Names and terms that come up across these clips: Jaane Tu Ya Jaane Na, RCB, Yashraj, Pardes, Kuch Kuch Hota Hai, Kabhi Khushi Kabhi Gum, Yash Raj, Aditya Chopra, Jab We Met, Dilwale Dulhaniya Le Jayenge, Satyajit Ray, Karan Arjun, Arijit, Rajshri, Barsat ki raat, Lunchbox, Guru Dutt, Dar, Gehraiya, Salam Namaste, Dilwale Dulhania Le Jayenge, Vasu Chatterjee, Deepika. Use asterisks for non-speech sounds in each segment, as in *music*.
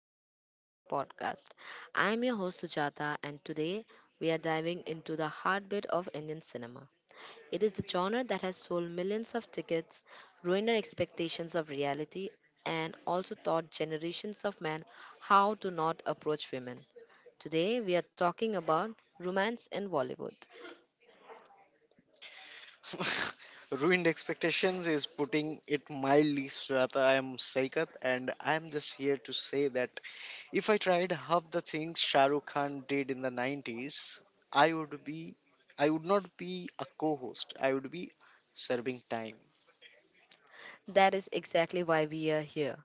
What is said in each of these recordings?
the Cinema Chai podcast. I'm your host Sujata, and today we are diving into the heartbeat of Indian cinema. It is the genre that has sold millions of tickets, ruined our expectations of reality, and also taught generations of men how to not approach women. Today, we are talking about romance in Bollywood. *laughs* Ruined expectations is putting it mildly, Sujata. I am Saikat, and I am just here to say that if I tried half the things Shah Rukh Khan did in the 90s, I would be, I would not be a co-host. I would be serving time. That is exactly why we are here.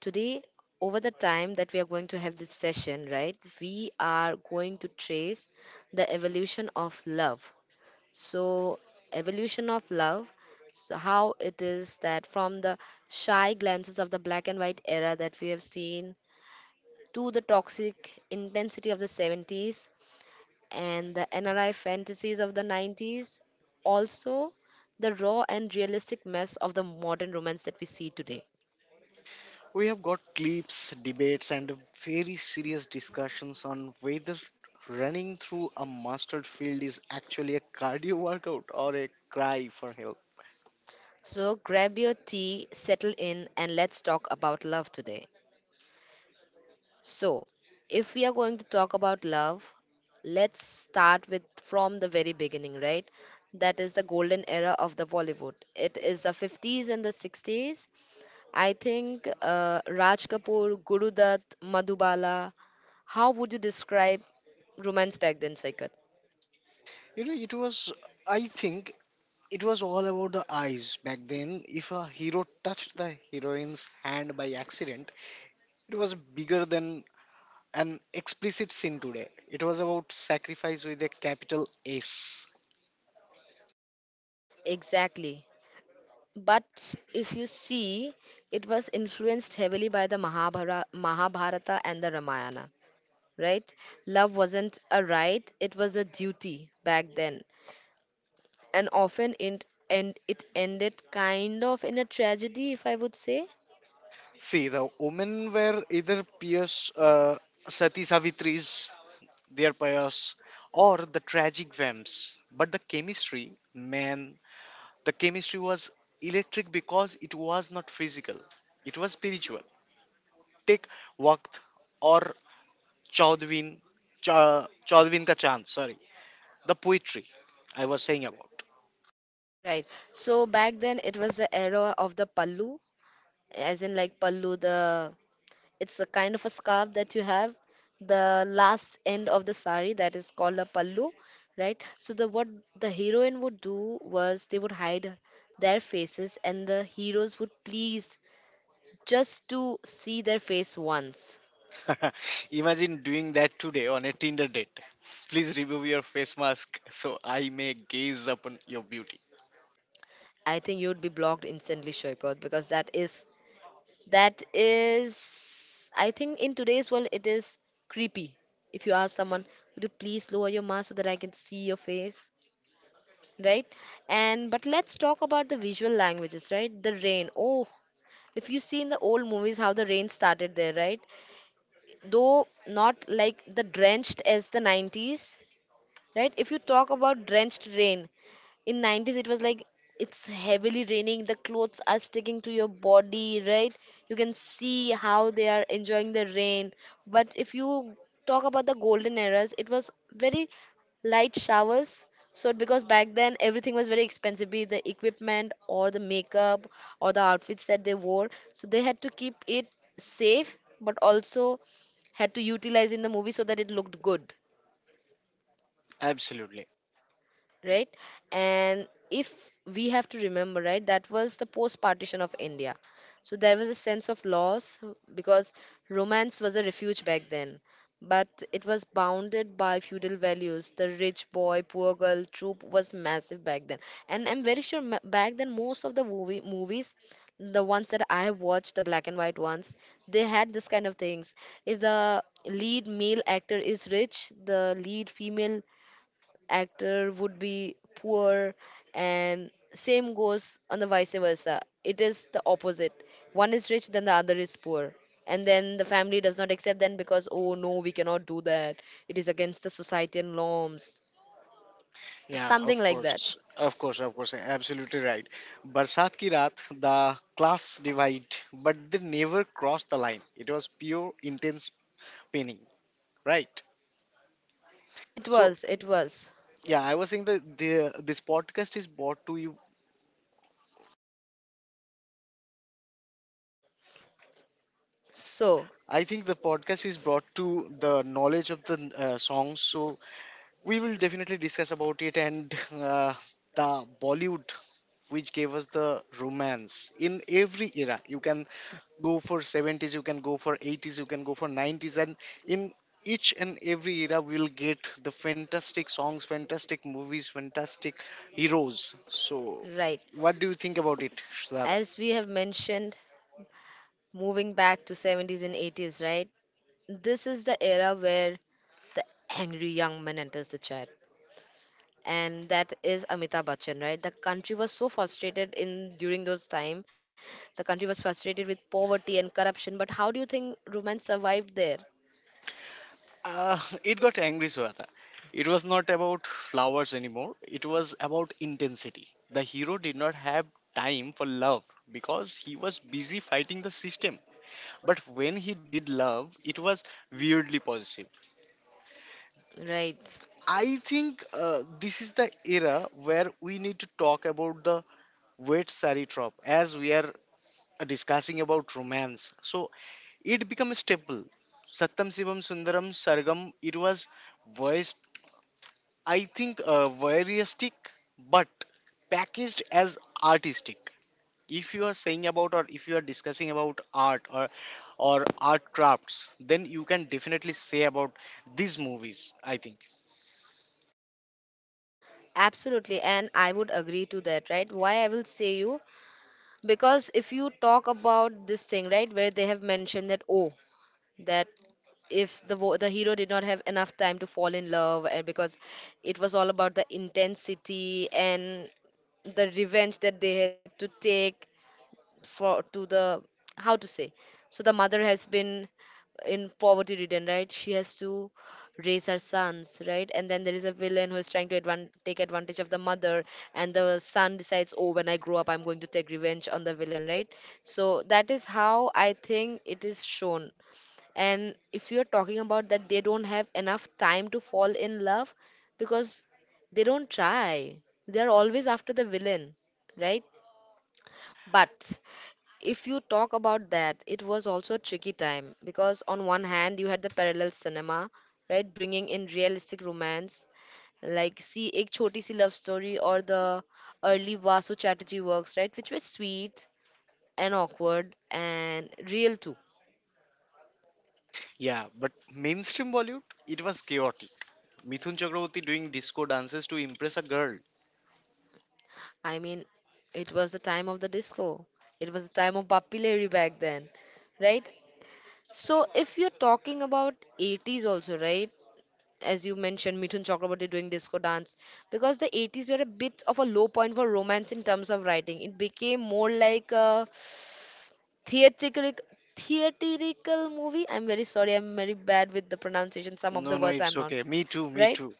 Today, over the time that we are going to have this session, right, we are going to trace the evolution of love. So, evolution of love, so how it is that from the shy glances of the black and white era that we have seen to the toxic intensity of the 70s and the NRI fantasies of the 90s, also the raw and realistic mess of the modern romance that we see today. We have got clips, debates, and very serious discussions on whether running through a mustard field is actually a cardio workout or a cry for help. So grab your tea, settle in, and let's talk about love today. So, if we are going to talk about love, let's start with from the very beginning, right? That is the golden era of the Bollywood. It is the 50s and the 60s. I think Raj Kapoor, Guru Dutt, Madhubala. How would you describe romance back then, Saikat? You know, it was I think It was all about the eyes back then. If a hero touched the heroine's hand by accident, it was bigger than an explicit sin today. It was about sacrifice with a capital S. Exactly. But if you see, it was influenced heavily by the Mahabharata, and the Ramayana, right? Love wasn't a right, it was a duty back then. And often it ended kind of in a tragedy, if I would say. See, the women were either pious Sati Savitris, their pious, or the tragic vamps. But the chemistry, man, the chemistry was electric because it was not physical, it was spiritual. Take Waqt or Chaudhwin, Chaudhwin ka Chand, sorry, the poetry I was saying about. Right. So back then it was the era of the Pallu, as in like Pallu the It's a kind of a scarf that you have, the last end of the sari that is called a pallu, right? So the what the heroine would do was they would hide their faces and the heroes would please just to see their face once. *laughs* Imagine doing that today on a Tinder date. Please remove your face mask so I may gaze upon your beauty. I think you'd be blocked instantly, Shoykot, because that is I think in today's world it is creepy. If you ask someone, would you please lower your mask so that I can see your face? Right. And but let's talk about the visual languages, right? The rain, oh, if you see in the old movies how the rain started there, right, though not like the drenched as the 90s, right? If you talk about drenched rain in 90s, it was like it's heavily raining, the clothes are sticking to your body, right? You can see how they are enjoying the rain. But if you talk about the golden eras, it was very light showers. So because back then everything was very expensive, be it the equipment or the makeup or the outfits that they wore, so they had to keep it safe but also had to utilize in the movie so that it looked good, Absolutely. right? And if we have to remember, right, that was the post partition of India. So there was a sense of loss because romance was a refuge back then. But it was bounded by feudal values. The rich boy, poor girl trope was massive back then. And I'm very sure back then most of the movies, the ones that I have watched, the black and white ones, they had this kind of things. If the lead male actor is rich, the lead female actor would be poor, and same goes on the vice versa, it is the opposite. One is rich then the other is poor, and then the family does not accept them because oh no, we cannot do that, it is against the society and norms, Yeah, something of like that. course. Of course. Absolutely right. Barsat ki raat, the class divide, but they never crossed the line. It was pure intense painting, right? it So, was It was yeah, I was saying that this podcast is brought to you. so I think the podcast is brought to the knowledge of the songs, so we will definitely discuss about it, and *laughs* the Bollywood, which gave us the romance in every era. You can go for 70s, you can go for 80s, you can go for 90s, and in each and every era, we'll get the fantastic songs, fantastic movies, fantastic heroes. So, right what do you think about it, Shraddha? as we have mentioned, moving back to 70s and 80s, right, this is the era where the angry young man enters the chat, and that is Amitabh Bachchan, right? The country was so frustrated in during those time. The country was frustrated with poverty and corruption. But how do you think romance survived there? *laughs* It got angry, Swata. It was not about flowers anymore. It was about intensity. The hero did not have time for love because he was busy fighting the system. But when he did love, it was weirdly positive. Right. I think this is the era where we need to talk about the wet sari trope as we are discussing about romance. So it became a staple. Satam Sivam Sundaram Sargam, it was voiced, I think, voyeuristic, but packaged as artistic. If you are saying about or if you are discussing about art or art crafts, then you can definitely say about these movies. I think, Absolutely, and I would agree to that, right? Why I will say you, because if you talk about this thing, right, where they have mentioned that oh, that if the hero did not have enough time to fall in love, and because it was all about the intensity and the revenge that they had to take for to the, how to say, so the mother has been in poverty ridden, right, she has to raise her sons, right, and then there is a villain who is trying to take advantage of the mother, and the son decides oh when I grow up I'm going to take revenge on the villain, right? So that is how I think it is shown. And if you're talking about that they don't have enough time to fall in love because they don't try, they're always after the villain, right? But if you talk about that, it was also a tricky time because on one hand you had the parallel cinema, right, bringing in realistic romance like see Ek Choti Si Love Story or the early Vasu Chatterjee works, right, which were sweet and awkward and real too. yeah. But mainstream Bollywood, it was chaotic. Mithun Chakraborty doing disco dances to impress a girl. I mean, it was the time of the disco. It was the time of Bappi Lahiri back then, right? So if you're talking about 80s also, right? As you mentioned, Mithun Chakraborty doing disco dance, because the 80s were a bit of a low point for romance in terms of writing. It became more like a theatrical theatrical movie. I'm very sorry, I'm very bad with the pronunciation. Some of No, the no, words I'm it's not okay. Me too, me right. too.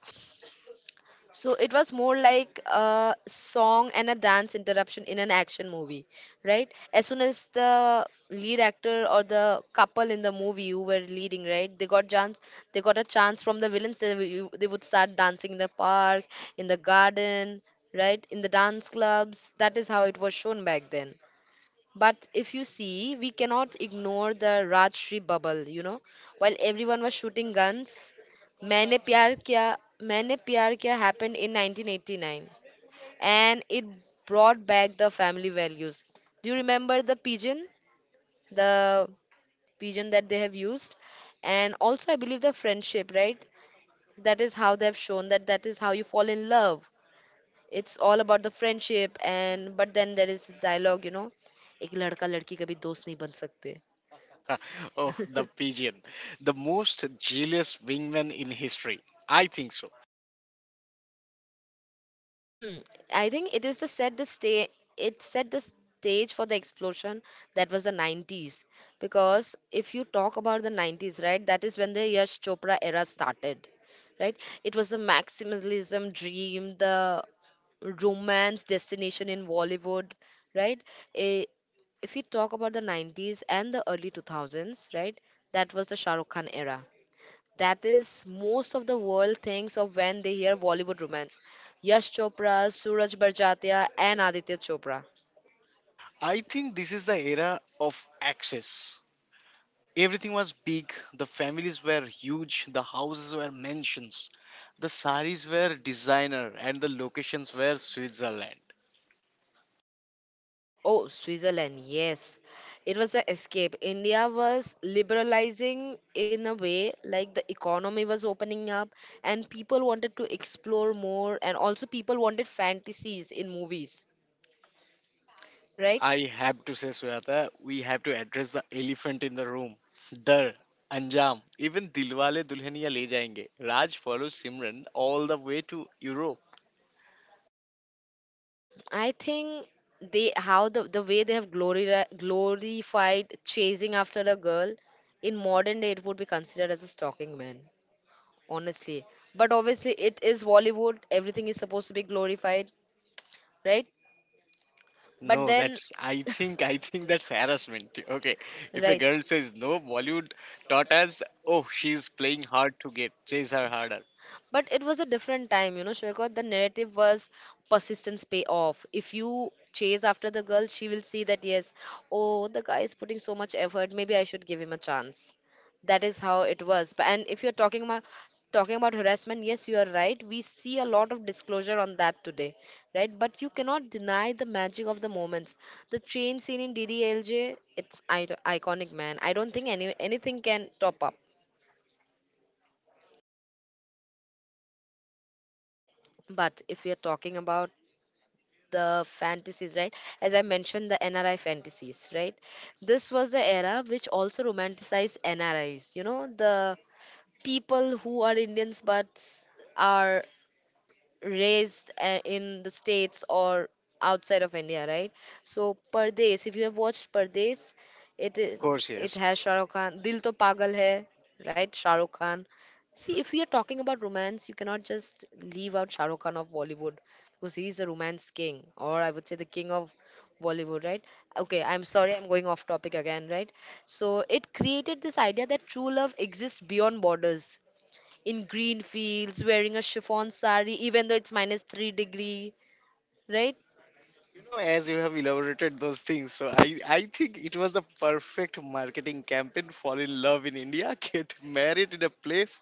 So it was more like a song and a dance interruption in an action movie, right? As soon as the lead actor or the couple in the movie who were leading, right, they got chance, they got a chance from the villains. They would start dancing in the park, in the garden, right, in the dance clubs. That is how it was shown back then. But if you see, we cannot ignore the Rajshri bubble, you know. While everyone was shooting guns, Maine Pyar Kiya happened in 1989, and it brought back the family values. Do you remember the pigeon? The pigeon that they have used? And also, I believe the friendship, right? That is how they have shown that that is how you fall in love. It's all about the friendship, and but then there is this dialogue, you know. एक लड़का लड़की कभी दोस्त नहीं बन सकते. *laughs* Oh, the pigeon, the most jealous wingman in history. I think so. I think it is to set the stage. It set the stage for the explosion that was the 90s. Because if you talk about the 90s, right, that is when the Yash Chopra era started, right? It was the maximalism dream, the romance destination in Bollywood, right? Eh, if you talk about the 90s and the early 2000s, right, that was the Shah Rukh Khan era that is most of the world thinks of when they hear Bollywood romance. Yash Chopra, Suraj Barjatia, and Aditya Chopra. I think this is the era of access. Everything was big, the families were huge, the houses were mansions, the saris were designer, and the locations were Switzerland. Oh, Switzerland, yes. It was the escape. India was liberalizing in a way, like the economy was opening up, and people wanted to explore more, and also people wanted fantasies in movies, right? I have to say, Suyata, we have to address the elephant in the room. Dar, Anjam, even Dilwale Dulhania Le Jayenge. Raj follows Simran all the way to Europe. I think they how the way they have glorified chasing after a girl, in modern day it would be considered as a stalking man, honestly. But obviously it is Bollywood, everything is supposed to be glorified, right? But No, then, that's I think that's harassment. Okay. If a right. girl says no, Bollywood taught us, oh, she's playing hard to get, chase her harder. But it was a different time, you know, Shoykot. The narrative was persistence pay off. If you chase after the girl, she will see that, yes, oh, the guy is putting so much effort. Maybe I should give him a chance. That is how it was. But. And if you're talking about harassment, yes, you are right. We see a lot of disclosure on that today, right? But you cannot deny the magic of the moments. The train scene in DDLJ, it's iconic, man. I don't think anything can top up. But if you are talking about the fantasies, right, as I mentioned, the NRI fantasies, right, this was the era which also romanticized NRIs, you know, the people who are Indians but are raised in the states or outside of India, right? So Pardes, if you have watched Pardes, it Of is, course, it yes. has Shah Rukh Khan. Dil To Pagal Hai, right? Shah Rukh Khan. See, if we are talking about romance, you cannot just leave out Shah Rukh Khan of Bollywood, because he is the romance king, or I would say the king of Bollywood, right? Okay, I'm sorry, I'm going off topic again, right? So it created this idea that true love exists beyond borders in green fields wearing a chiffon sari even though it's minus 3 degree, right? You know, as you have elaborated those things, so I think it was the perfect marketing campaign. Fall in love in India, *laughs* get married in a place,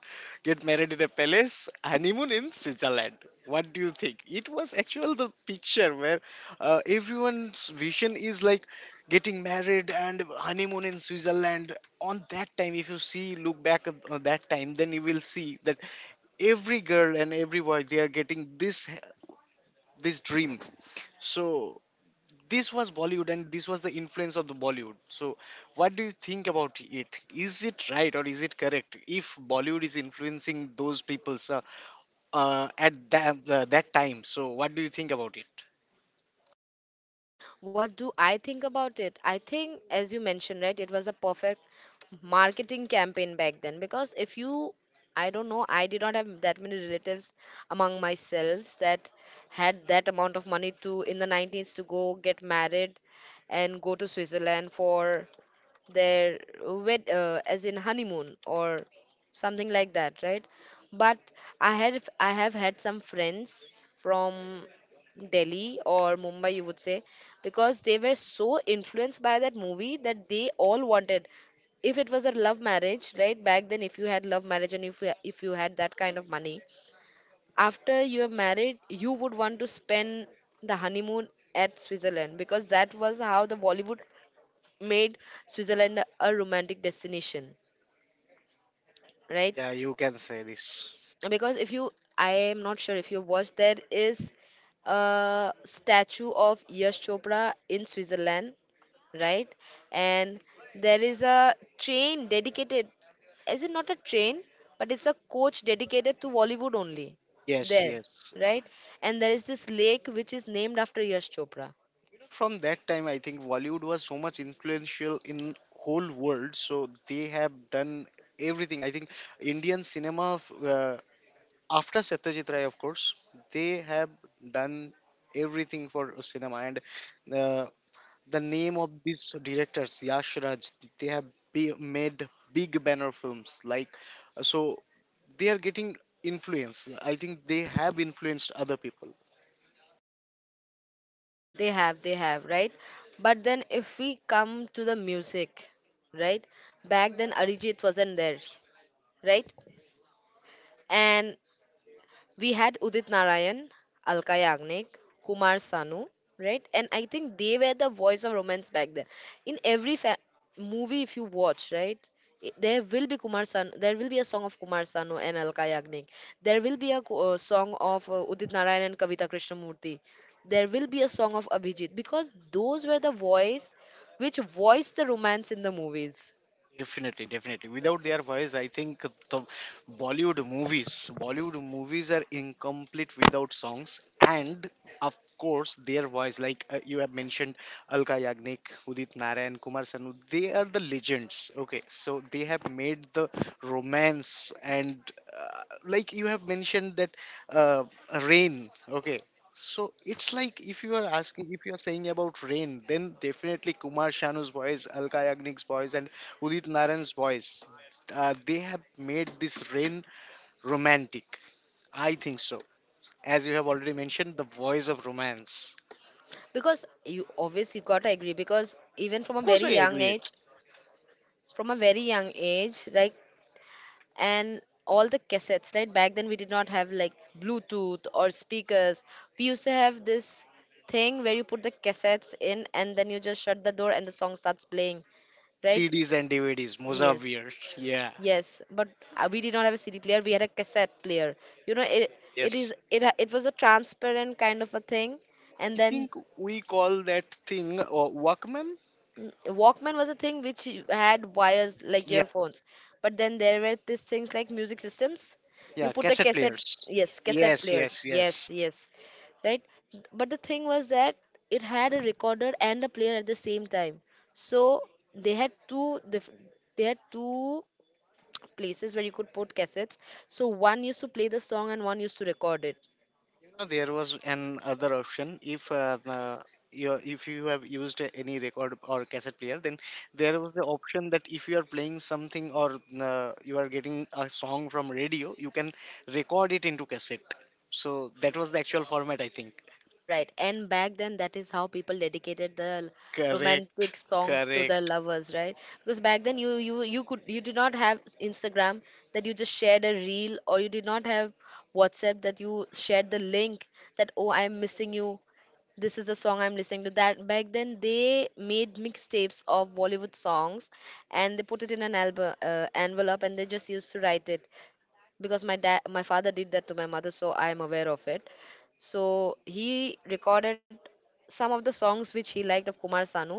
get married in a palace, honeymoon in Switzerland. What do you think? It was actual the picture where everyone's vision is like getting married and honeymoon in Switzerland. On that time, if you see, look back at that time, then you will see that every girl and every boy, they are getting this this dream. So this was Bollywood, and this was the influence of the Bollywood. So what do you think about it? Is it right, or is it correct if Bollywood is influencing those people's at that, that time? So what do you think about it? What do I think about it? I think, as you mentioned, right, it was a perfect marketing campaign back then. Because if you, I don't know, I did not have that many relatives among myself that had that amount of money to in the 90s to go get married and go to switzerland for their wed as in honeymoon or something like that, right? But I had I have had some friends from delhi or mumbai, you would say, because they were so influenced by that movie that they all wanted, if it was a love marriage, right? Back then if you had love marriage and if you had that kind of money, after you are married you would want to spend the honeymoon at switzerland because that was how the bollywood made Switzerland a romantic destination, right? Yeah, you can say this. Because if you, I am not sure if you watched, there is a statue of Yash Chopra in Switzerland, right? And there is a train dedicated, is it not a train, but it's a coach dedicated to Bollywood only Yes, there, yes. right? And there is this lake which is named after Yash Chopra. You know, from that time, I think Bollywood was so much influential in whole world, so they have done everything. I think Indian cinema after Satyajit Ray, of course, they have done everything for cinema, and the the name of these directors, Yash Raj, they have made big banner films. Like, so they are getting influence. I think they have influenced other people. They have, right? But then if we come to the music, right? Back then Arijit wasn't there, right? And we had Udit Narayan, Alka Yagnik, Kumar Sanu, right? And I think they were the voice of romance back then. In movie, if you watch, right, there will be Kumar Sanu. There will be a song of Kumar Sanu and Alka Yagnik. There will be a song of Udit Narayan and Kavita Krishnamurti. There will be a song of Abhijit, because those were the voice which voiced the romance in the movies. Definitely, definitely. Without their voice, I think Bollywood movies are incomplete without songs. And of course, their voice, like you have mentioned, Alka Yagnik, Udit Narayan, Kumar Sanu, they are the legends. Okay, so they have made the romance, and like you have mentioned that uh, rain. Okay. So it's like if you are asking, if you are saying about rain, then definitely Kumar Shanu's voice, Alka Yagnik's voice, and Udit Narayan's voice. They have made this rain romantic. I think so. As you have already mentioned, the voice of romance. Because you obviously gotta agree, because even from Of a course, very I young agree it. age from a very young age like, and all the cassettes, right? Back then we did not have like bluetooth or speakers. We used to have this thing where you put the cassettes in and then you just shut the door and the song starts playing, right? CDs and DVDs, Yes, Mozavir, yeah, yes, but we did not have a cd player, we had a cassette player, you know cassette it. player, It yes. is, it was a transparent kind of a thing. And I then, think we call that thing Walkman. mm, Walkman was a thing which you had wires like Yeah, earphones, but then there were these things like music systems. yeah, You put the cassette players. cassette, yes, cassette Yes, yes, players, yes. yes, yes, right. But the thing was that it had a recorder and a player at the same time, so they had two diff- they had two places where you could put cassettes. So one used to play the song and one used to record it. You know, there was an other option. If you if you have used any record or cassette player, then there was the option that if you are playing something, or you are getting a song from radio, you can record it into cassette. So that was the actual format, I think. Right. And back then, that is how people dedicated the Correct, romantic songs to their correct. lovers, right? Because back then, you did not have Instagram that you just shared a reel, or you did not have WhatsApp that you shared the link that, oh, I'm missing you, this is the song I'm listening to. That back then they made mixtapes of Bollywood songs, and they put it in an album envelope, and they just used to write it. Because my dad, my father, did that to my mother, so I am aware of it. So he recorded some of the songs which he liked of Kumar Sanu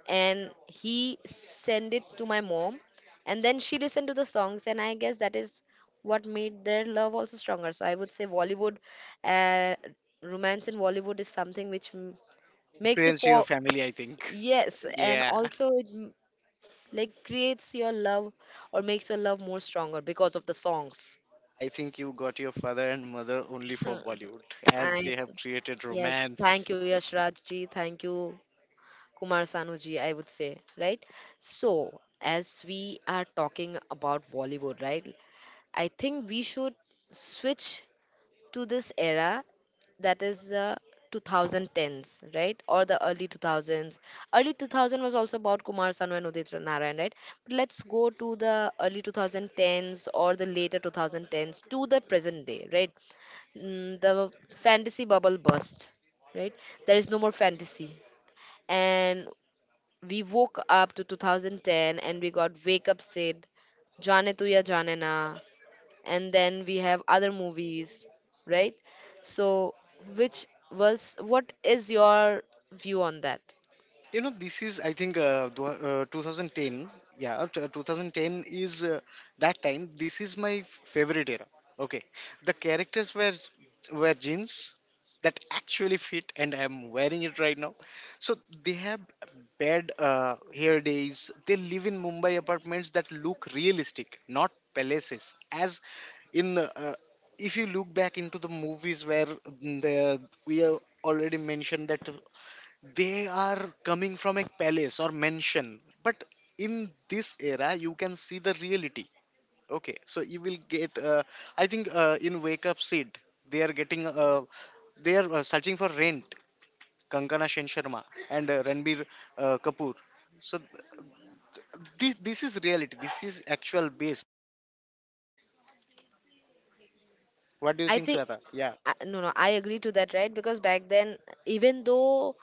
and he sent it to my mom, and then she listened to the songs, and I guess that is what made their love also stronger. So I would say Bollywood, uh, romance in Bollywood is something which makes you Influenced your fall. family, I think. Yes, and Yeah, also it like creates your love or makes your love more stronger because of the songs. I think you got your father and mother only for Bollywood, as they I, have created yes, romance. thank you Yashraj ji, thank you Kumar Sanu ji, I would say, right? So, as we are talking about Bollywood, right? I think we should switch to this era, that is the 2010s, right? Or the early 2000s. Early 2000 was also about Kumar Sanu and Udit Narayan, right? But let's go to the early 2010s or the later 2010s to the present day, right? Mm, the fantasy bubble burst, right? There is no more fantasy, and we woke up to 2010 and we got Wake Up Sid, Jaane Tu Ya Jaane Na, and then we have other movies, right? So, which was, what is your view on that? You know, this is, I think, 2010. Yeah, 2010 is that time. This is my favorite era. Okay, the characters were jeans that actually fit, and I'm wearing it right now. So they have bad hair days. They live in Mumbai apartments that look realistic, not palaces, as in if you look back into the movies where mm, the we have already mentioned that they are coming from a palace or mansion, but in this era you can see the reality. Okay, so you will get I think in Wake Up Sid, they are getting they are searching for rent. Kankana Shen Sharma and Ranbir Kapoor. So this is reality, this is actual base. What do you I think, think, Sweta? Yeah, I- no, no, I agree to that, right? Because back then, even though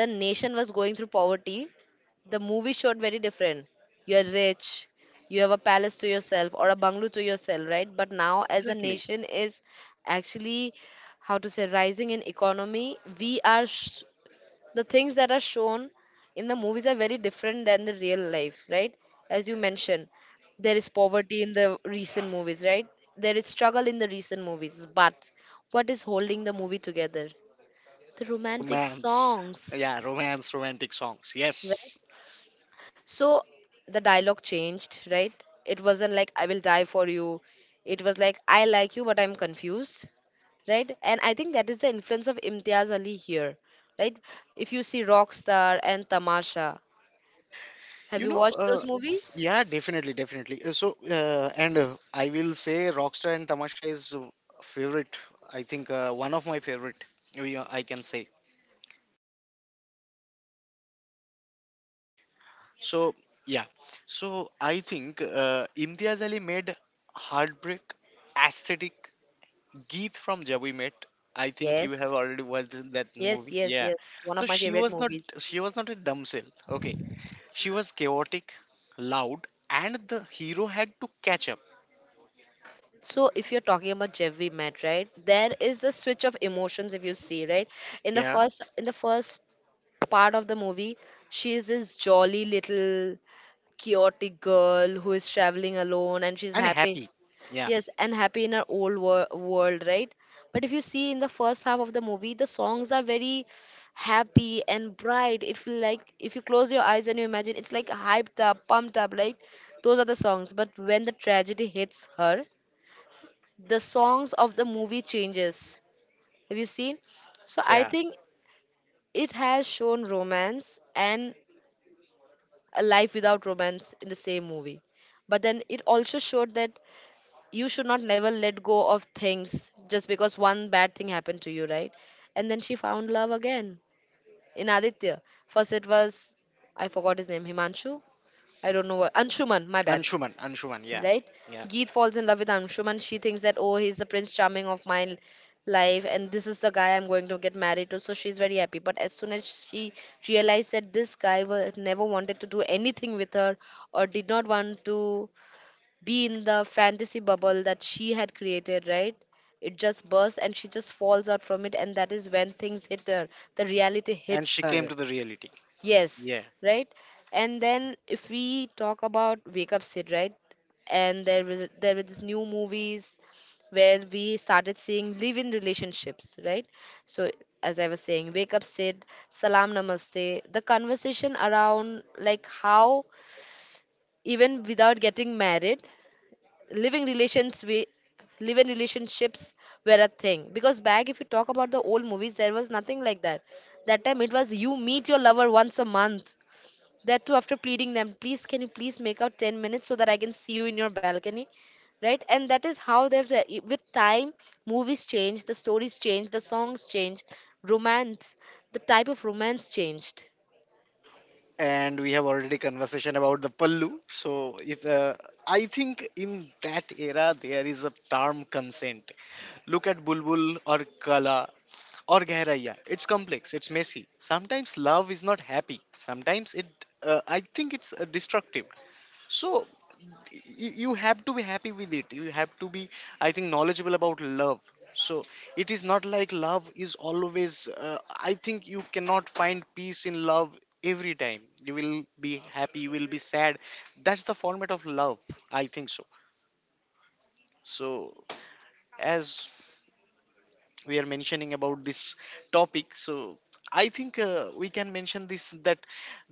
the nation was going through poverty, the movie showed very different. You're rich, you have a palace to yourself or a bungalow to yourself, right? But now as a exactly. nation is actually, how to say, rising in economy, we are the things that are shown in the movies are very different than the real life, right? As you mentioned, there is poverty in the recent movies, right? There is struggle in the recent movies, but what is holding the movie together? The romantic Romance. songs, Yeah, romance, romantic songs, right? yes. So the dialogue changed, right? It wasn't like I will die for you. It was like I like you, but I'm confused, right? And I think that is the influence of Imtiaz Ali here, right? If you see Rockstar and Tamasha, have You you know, watched those movies? yeah, definitely, definitely. So, and I will say Rockstar and Tamasha is favorite. I think one of my favorite, I can say. So, yeah. So, I think Imtiaz Ali made heartbreak aesthetic. Geet from Jab We Met. I think you have Yes. already watched that Yes, movie. yes, Yeah. yes. One So of my favorite movies. she was not a damsel. Okay. She was chaotic, loud, and the hero had to catch up. So if you're talking about Jeff we met, right? There is a switch of emotions if you see, right? In the Yeah, first in the first part of the movie, she is this jolly little chaotic girl who is traveling alone and she's and happy. happy. Yeah, Yes, and happy in our old world, right? But if you see in the first half of the movie, the songs are very happy and bright. If, like, if you close your eyes and you imagine, it's like hyped up, pumped up, right? Those are the songs. But when the tragedy hits her, the songs of the movie changes. Have you seen? So I yeah. think it has shown romance and a life without romance in the same movie. But then it also showed that you should not never let go of things just because one bad thing happened to you, right? And then she found love again in Aditya. First it was, I forgot his name, Himanshu. I don't know what, Anshuman, my bad. Anshuman, yeah, Right? yeah. Geet falls in love with Anshuman. She thinks that, oh, he's the prince charming of my life and this is the guy I'm going to get married to. So she's very happy. But as soon as she realized that this guy was never wanted to do anything with her or did not want to be in the fantasy bubble that she had created, right? It just bursts and she just falls out from it, and that is when things hit her. The reality And hits she came her. to the reality. Yes, Yeah. right? And then if we talk about Wake Up Sid, right? And there were, there were these new movies where we started seeing live in relationships, right? So as I was saying, Wake Up Sid, Salam Namaste, the conversation around like how even without getting married, living relations we living relationships were a thing. Because back, if you talk about the old movies, there was nothing like that. That time it was you meet your lover once a month, that too after pleading them, please, can you please make out 10 minutes so that I can see you in your balcony, right? And that is how they've, with time, movies change, the stories change, the songs change, romance, the type of romance changed. And we have already conversation about the Pallu. So if I think in that era there is a term consent. Look at Bulbul or Kala or Gehraiya. It's complex. It's messy. Sometimes love is not happy. Sometimes it. I think it's destructive. So you have to be happy with it, you have to be, I think, knowledgeable about love. So it is not like love is always, I think, you cannot find peace in love. Every time you will be happy, you will be sad. That's the format of love, I think so. So as we are mentioning about this topic, so I think we can mention this that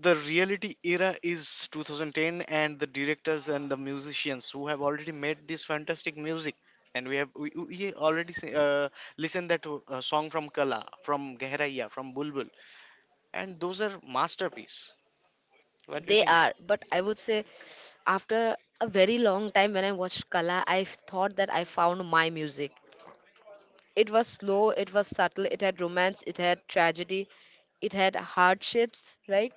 the reality era is 2010, and the directors and the musicians who have already made this fantastic music, and we already listened that song from Kala, from Gehraiya, from Bulbul, and those are masterpiece. What do you They think? are, but I would say after a very long time when I watched Kala, I thought that I found my music. It was slow, it was subtle, it had romance, it had tragedy, it had hardships, right?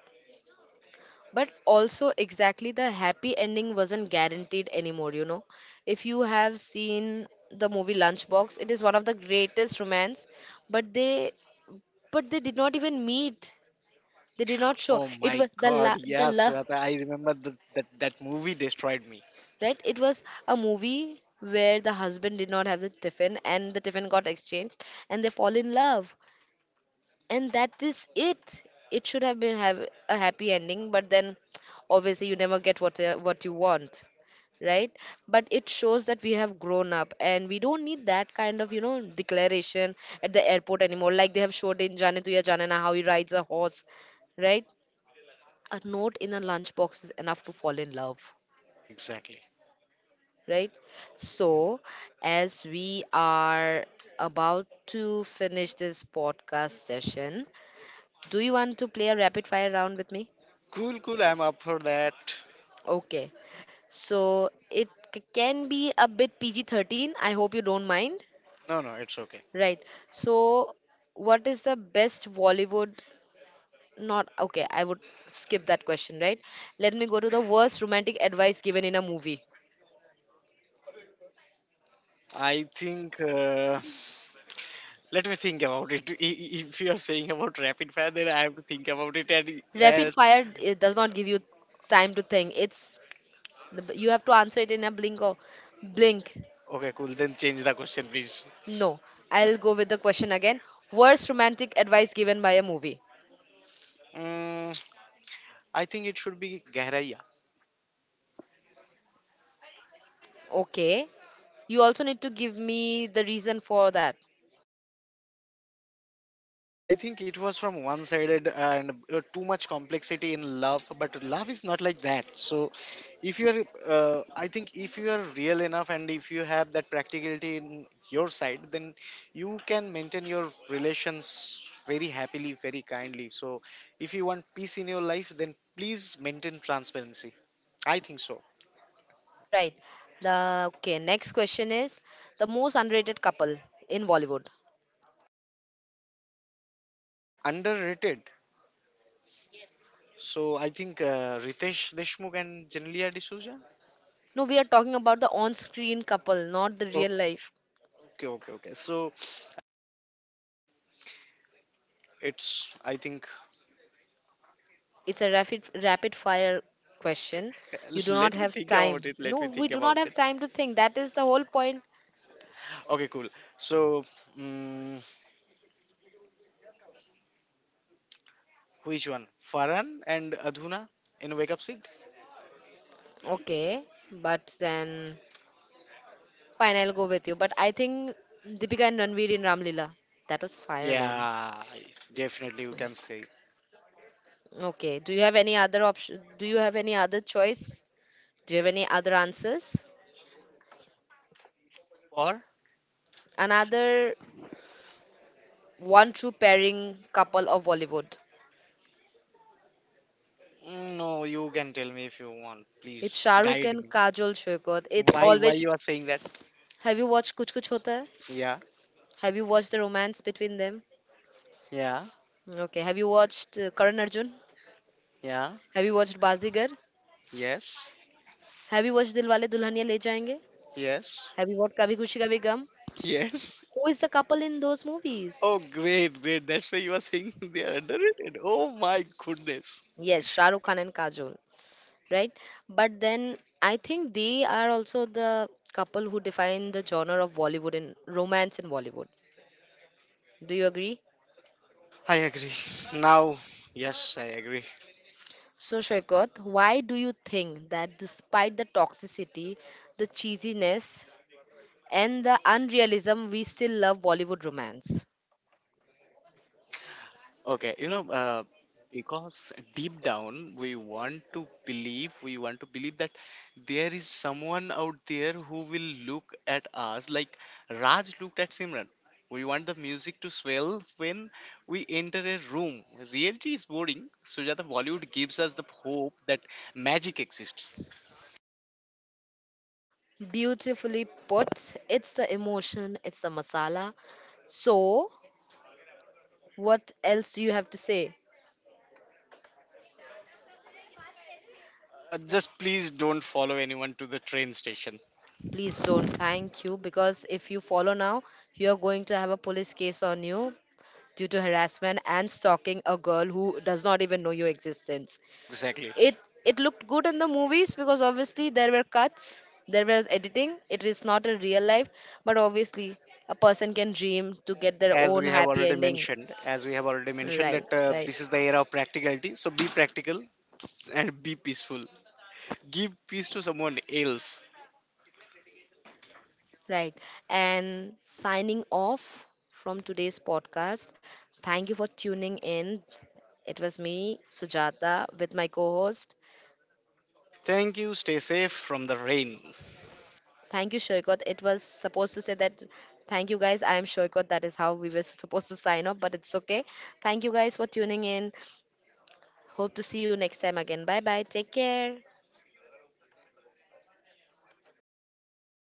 But also, exactly, the happy ending wasn't guaranteed anymore, you know. If you have seen the movie Lunchbox, it is one of the greatest romance, but they, but they did not even meet. They did not show. Oh It my was the god, the yes, love, Shweta, I remember that that movie destroyed me. right? It was a movie where the husband did not have the tiffin and the tiffin got exchanged and they fall in love, and that is it. It should have been have a happy ending, but then obviously you never get what you want, right? But it shows that we have grown up and we don't need that kind of, you know, declaration at the airport anymore, like they have showed in jaane tu ya jaane na how he rides a horse, right? A note in a lunchbox is enough to fall in love, Exactly. right? So, as we are about to finish this podcast session, do you want to play a rapid fire round with me? Cool, cool, I'm up for that. Okay. So, it can be a bit PG 13. I hope you don't mind. No, no, it's okay. Right. So, what is the best Bollywood? Not okay. I would skip that question, right? Let me go to the worst romantic advice given in a movie. I think. Let me think about it. If you are saying about rapid fire, then I have to think about it. Rapid And fire, it does not give you time to think. It's, you have to answer it in a blink or blink. Okay, cool. Then change the question, please. No. I'll go with the question again. Worst romantic advice given by a movie. Mm, I think it should be Gahraiya. Okay. You also need to give me the reason for that. I think it was from one sided and too much complexity in love, but love is not like that. So, if you are, I think, if you are real enough and if you have that practicality in your side, then you can maintain your relations very happily, very kindly. So, if you want peace in your life, then please maintain transparency. I think so. Right. The, okay, next question is the most underrated couple in Bollywood. Underrated. So, I think Ritesh Deshmukh and Janelia D'Souza. No, we are talking about the on-screen couple, not the Oh, real life. Okay, okay. So, it's I think. It's a rapid fire question. You do not have time. Let No, me we think do not about have it. time to think. That is the whole point. Okay, cool. So, mm, which one? Farhan and Adhuna in Wake Up Seat? Okay, but then, fine, I'll go with you. But I think Deepika and Ranveer in Ramlila. That was fire, man. Yeah, definitely you can say. Okay. Do you have any other option? Do you have any other choice? Do you have any other answers? For? Another one true pairing couple of Bollywood. Mm, no, you can tell me if you want. It's Please Shah Rukh guide and me. Kajol, Shokat. It's Why? Why always. you are saying that? Have you watched Kuch Kuch Hota Hai? Yeah, Have you watched the romance between them? yeah, Okay. Have you watched Karan Arjun? yeah. Have you watched Bazigar? Yes, Have you watched Dilwale Dulhaniya Le Jayenge? yes. Have you watched Kabhi Khushi Kabhi Gum? yes. Who is the couple in those movies? Oh, great, great. That's why you are saying *laughs* they are underrated. Oh my goodness. Yes, Shah Rukh Khan and Kajol, right? But then I think they are also the couple who define the genre of Bollywood and romance in Bollywood. Do you agree? I agree. Now, yes, I agree. So, Shwekot, why do you think that despite the toxicity, the cheesiness, and the unrealism, we still love Bollywood romance? Okay, you know, because deep down we want to believe, that there is someone out there who will look at us like Raj looked at Simran. We want the music to swell when we enter a room. Reality is boring. Sujata, Bollywood gives us the hope that magic exists. Beautifully put, it's the emotion, it's the masala. So, what else do you have to say? Just please don't follow anyone to the train station. Please don't. Thank you. Because if you follow now, you are going to have a police case on you due to harassment and stalking a girl who does not even know your existence. Exactly. It it looked good in the movies because obviously there were cuts, there was editing. It is not a real life, but obviously a person can dream to get their as own happy ending. As we have already mentioned Right, that right. this is the era of practicality. So be practical and be peaceful. Give peace to someone else. Right. And signing off from today's podcast. Thank you for tuning in. It was me, Sujata, with my co host. Thank you. Stay safe from the rain. Thank you, Shoykot. It was supposed to say that, thank you guys. I am Shoykot. That is how we were *laughs* supposed to sign off, but it's okay. Thank you guys for tuning in. Hope to see you next time again. Bye bye. Take care.